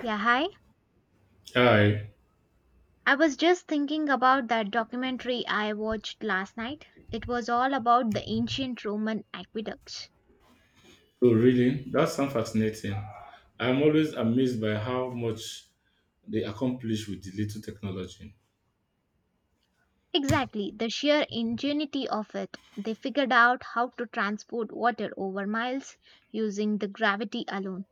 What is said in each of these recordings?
Yeah, hi. Hi. I was just thinking about that documentary I watched last night. It was all about the ancient Roman aqueducts. Oh, really? That sounds fascinating. I'm always amazed by how much they accomplish with the little technology. Exactly, the sheer ingenuity of it. They figured out how to transport water over miles using the gravity alone.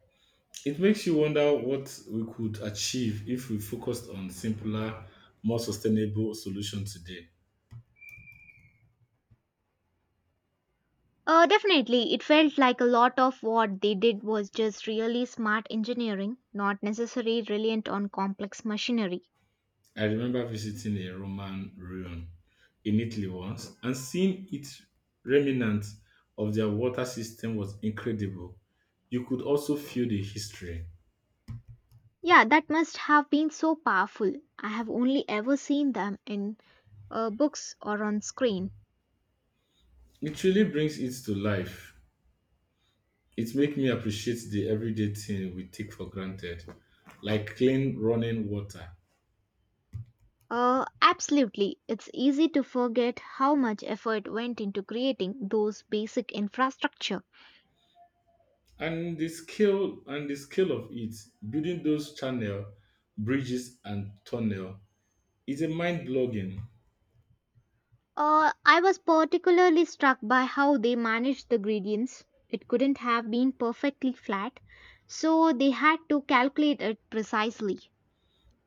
It makes you wonder what we could achieve if we focused on simpler, more sustainable solutions today. Definitely, it felt like a lot of what they did was just really smart engineering, not necessarily reliant on complex machinery. I remember visiting a Roman ruin in Italy once and seeing its remnant of their water system was incredible. You could also feel the history. Yeah, that must have been so powerful. I have only ever seen them in books or on screen. It really brings it to life. It makes me appreciate the everyday thing we take for granted, like clean running water. Absolutely. It's easy to forget how much effort went into creating those basic infrastructure. And the scale of it, building those channel, bridges and tunnel is a mind blogging. I was particularly struck by how they managed the gradients. It couldn't have been perfectly flat, so they had to calculate it precisely.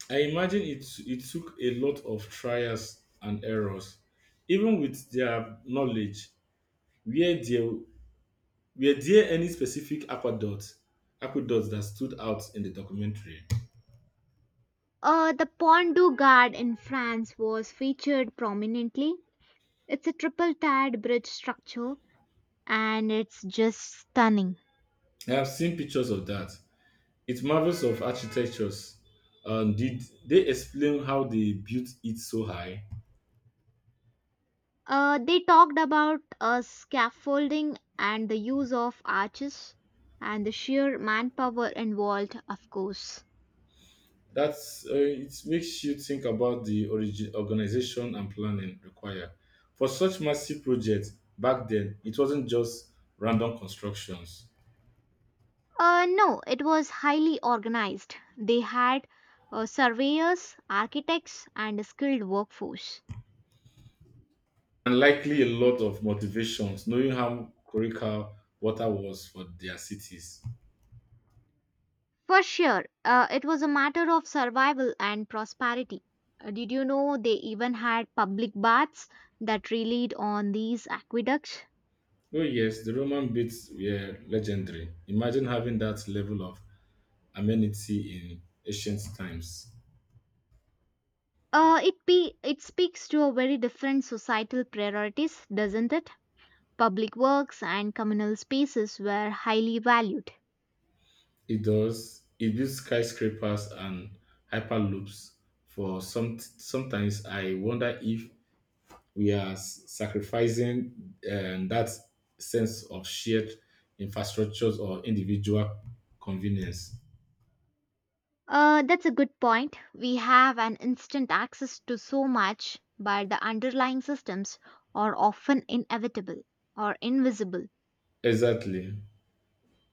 I imagine it took a lot of trials and errors. Even with their knowledge, were there were there any specific aqueducts that stood out in the documentary? The Pont du Gard in France was featured prominently. It's a triple tiered bridge structure, and it's just stunning. I have seen pictures of that. It marvels of architectures. Did they explain how they built it so high? They talked about scaffolding and the use of arches and the sheer manpower involved, of course. That's it makes you think about the origin, organization and planning required for such massive projects back then. It wasn't just random constructions, No, it was highly organized. They had surveyors, architects, and a skilled workforce. and likely a lot of motivations, knowing how critical water was for their cities. For sure, it was a matter of survival and prosperity. Did you know they even had public baths that relied on these aqueducts? Oh yes, the Roman baths were legendary. Imagine having that level of amenity in ancient times. It speaks to a very different societal priorities, doesn't it? Public works and communal spaces were highly valued. It does. It builds skyscrapers and hyperloops. For some, sometimes I wonder if we are sacrificing that sense of shared infrastructures or individual convenience. That's a good point. We have an instant access to so much, but the underlying systems are often inevitable or invisible. Exactly.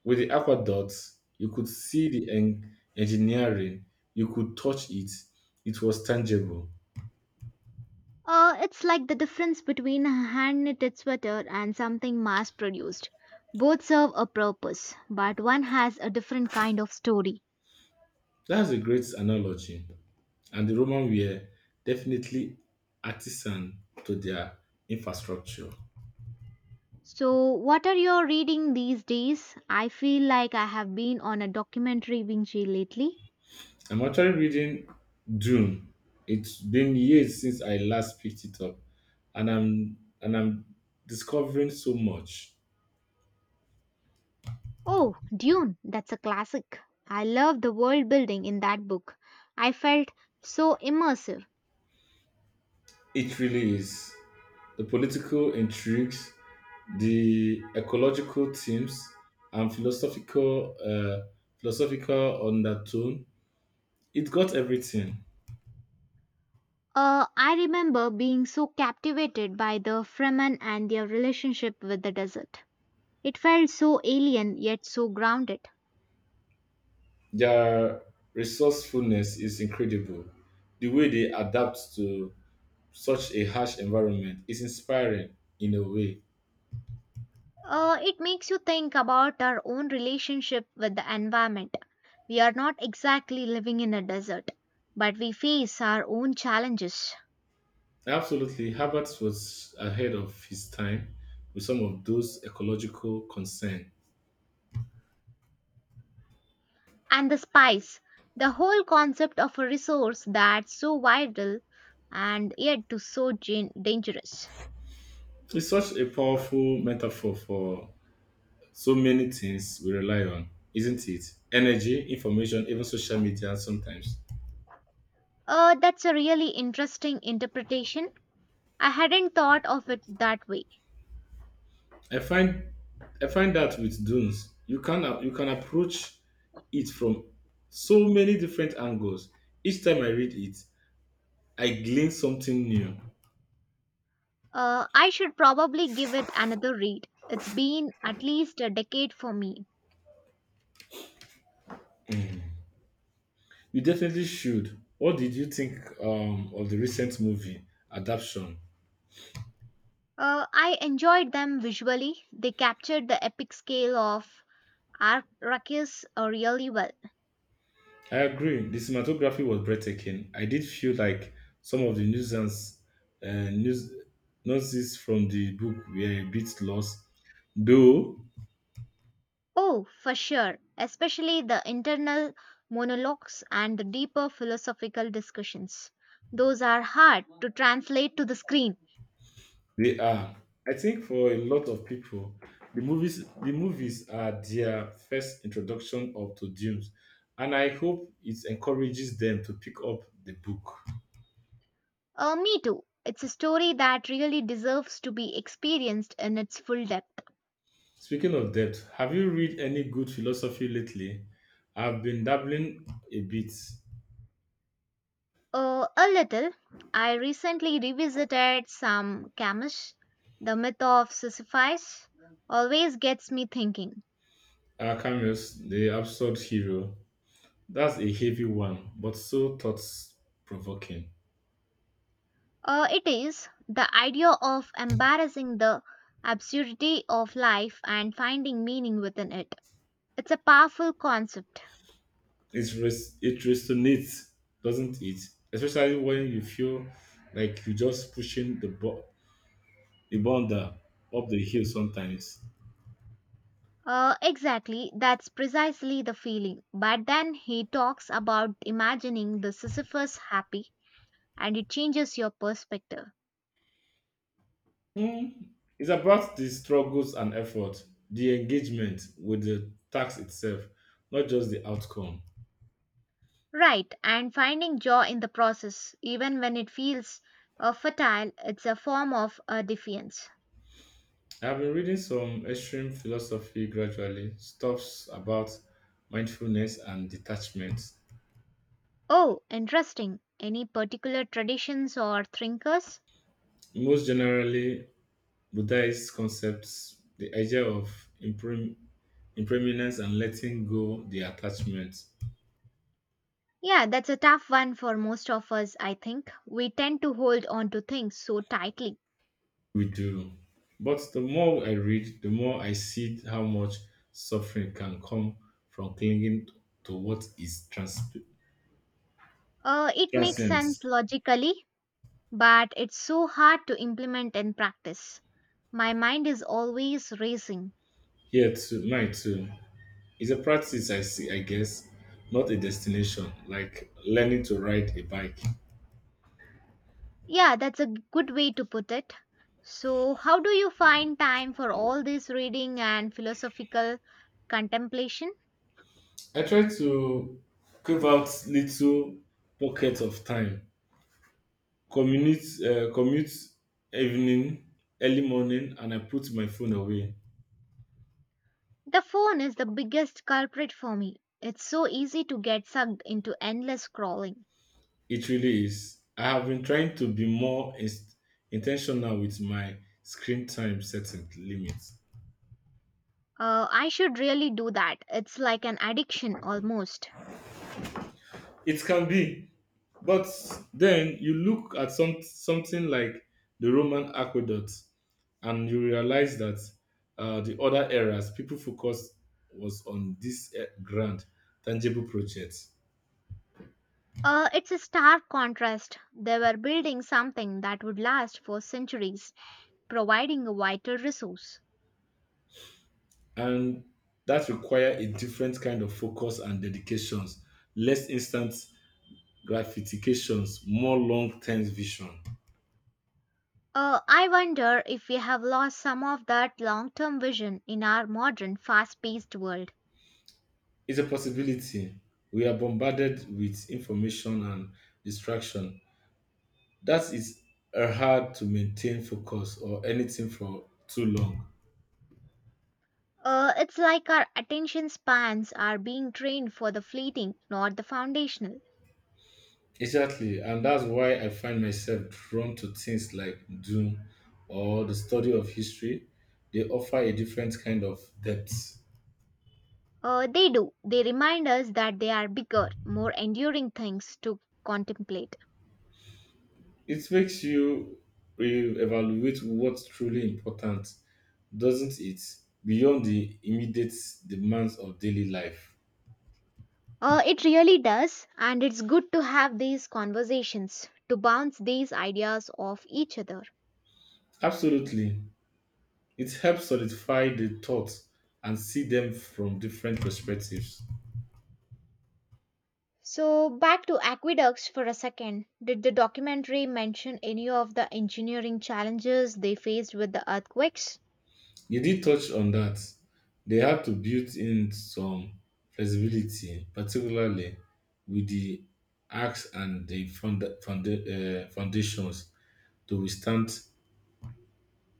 With the aqueducts, you could see the engineering. You could touch it. It was tangible. It's like the difference between a hand knitted sweater and something mass produced. Both serve a purpose, but one has a different kind of story. That's a great analogy. And the Roman were definitely artisan to their infrastructure. So, what are you reading these days? I feel like I have been on a documentary binge lately. I'm actually reading Dune. It's been years since I last picked it up, and I'm discovering so much. Oh, Dune, that's a classic. I love the world building in that book. I felt so immersive. It really is the political intrigues, the ecological themes, and philosophical undertone. It got everything. I remember being so captivated by the Fremen and their relationship with the desert. It felt so alien yet so grounded. Their resourcefulness is incredible. The way they adapt to such a harsh environment is inspiring in a way. It makes you think about our own relationship with the environment. We are not exactly living in a desert, but we face our own challenges. Absolutely, Herbert was ahead of his time with some of those ecological concerns. And the spice, the whole concept of a resource that's so vital and yet to dangerous. It's such a powerful metaphor for so many things we rely on, isn't it? Energy, information, even social media sometimes. That's a really interesting interpretation. I hadn't thought of it that way. I find I find that with dunes, you can approach it from so many different angles. Each time I read it, I glean something new. I should probably give it another read. It's been at least a decade for me. You definitely should. What did you think of the recent movie adaptation? I enjoyed them visually. They captured the epic scale of Arrakis really well. I agree. The cinematography was breathtaking. I did feel like some of the uh, news, nuances from the book were a bit lost, though. Oh, for sure, especially the internal monologues and the deeper philosophical discussions. Those are hard to translate to the screen. They are. I think for a lot of people, the movies are their first introduction of to Dunes, and I hope it encourages them to pick up the book. Me too. It's a story that really deserves to be experienced in its full depth. Speaking of depth, have you read any good philosophy lately? I've been dabbling a bit. A little. I recently revisited some Camish. The myth of Sisyphus always gets me thinking. Camus, the absurd hero. That's a heavy one, but so thought provoking. It is the idea of embarrassing the absurdity of life and finding meaning within it. It's a powerful concept. It resonates, doesn't it? Especially when you feel like you're just pushing the boulder up the hill sometimes. Exactly, that's precisely the feeling. But then he talks about imagining the Sisyphus happy, and it changes your perspective. Hmm, It's about the struggles and effort, the engagement with the task itself, not just the outcome. Right, and finding joy in the process, even when it feels fertile, it's a form of defiance. I've been reading some extreme philosophy gradually, stuffs about mindfulness and detachment. Oh, interesting. Any particular traditions or thinkers? Most generally, Buddhist concepts, the idea of in preeminence and letting go the attachments Yeah, that's a tough one for most of us, I think. We tend to hold on to things so tightly. we do. But the more I read, the more I see how much suffering can come from clinging to what is It makes transient. sense logically, but it's so hard to implement in practice. My mind is always racing. Mine too. It's a practice I see, I guess, not a destination, like learning to ride a bike. Yeah, that's a good way to put it. So, how do you find time for all this reading and philosophical contemplation? I try to carve out little pockets of time, commute, evening, early morning, and I put my phone away. The phone is the biggest culprit for me. It's so easy to get sucked into endless scrolling. It really is. I have been trying to be more intentional with my screen time setting limits. I should really do that. It's like an addiction almost. It can be, but then you look at something like the Roman aqueduct, and you realize that the other eras people focus was on this grand, tangible projects, It's a stark contrast. They were building something that would last for centuries, providing a vital resource. and that require a different kind of focus and dedications, less instant gratifications, more long term vision. I wonder if we have lost some of that long term vision in our modern fast paced world. It's a possibility. We are bombarded with information and distraction. That is hard to maintain focus or anything for too long. It's like our attention spans are being trained for the fleeting, not the foundational. Exactly, and that's why I find myself drawn to things like Doom or the study of history. They offer a different kind of depth. They do. They remind us that they are bigger, more enduring things to contemplate. It makes you re-evaluate what's truly important, doesn't it? Beyond the immediate demands of daily life. It really does, and it's good to have these conversations, to bounce these ideas off each other. Absolutely. It helps solidify the thoughts and see them from different perspectives. So, back to aqueducts for a second. Did the documentary mention any of the engineering challenges they faced with the earthquakes? You did touch on that. They have to build in some flexibility, particularly with the acts and the foundations to withstand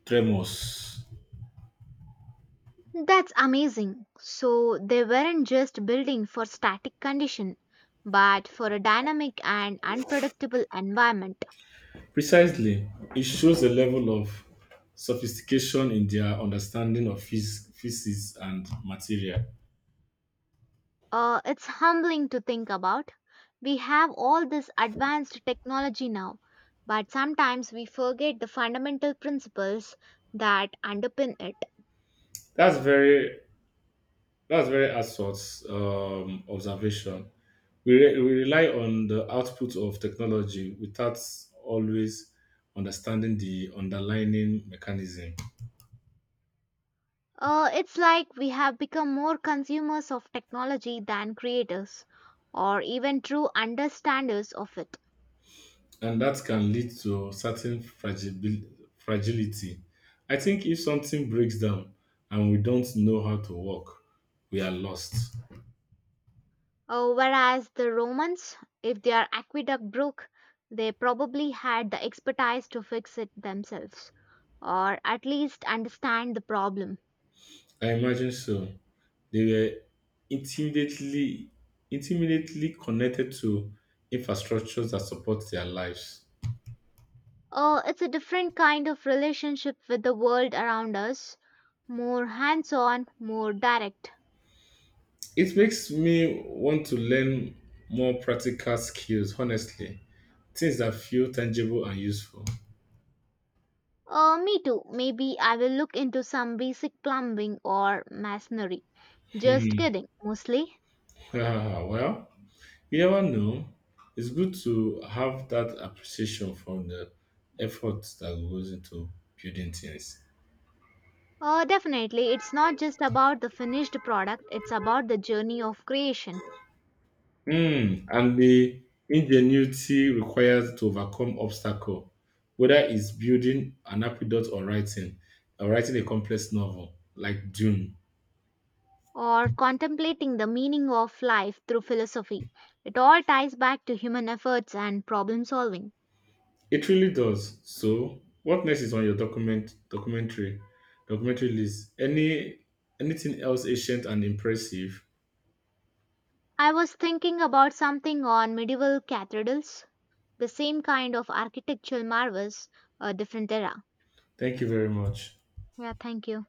tremors. That's amazing. So, they weren't just building for static condition, but for a dynamic and unpredictable environment. Precisely, it shows a level of sophistication in their understanding of physics and material. It's humbling to think about. We have all this advanced technology now, but sometimes we forget the fundamental principles that underpin it. That's very that's very astute observation. We rely on the output of technology without always understanding the underlying mechanism, It's like we have become more consumers of technology than creators or even true understanders of it. and that can lead to certain fragility. I think if something breaks down and we don't know how to work, we are lost. Whereas the Romans, if their aqueduct broke, they probably had the expertise to fix it themselves or at least understand the problem. I imagine so. They were intimately intimately connected to infrastructures that support their lives. It's a different kind of relationship with the world around us, more hands on, more direct. It makes me want to learn more practical skills, honestly. Things that feel tangible and useful. Me too. Maybe I will look into some basic plumbing or masonry. Just Hmm. kidding, mostly. Ah, well, you never know. It's good to have that appreciation from the effort that goes into building things. Definitely, it's not just about the finished product, it's about the journey of creation Mm, and the ingenuity required to overcome obstacle, whether it's building an aqueduct or writing a complex novel like Dune. or contemplating the meaning of life through philosophy. It all ties back to human efforts and problem solving. It really does. So, what next is on your documentary list? Any anything else ancient and impressive? I was thinking about something on medieval cathedrals, the same kind of architectural marvels, a different era. Thank you very much. Yeah, thank you.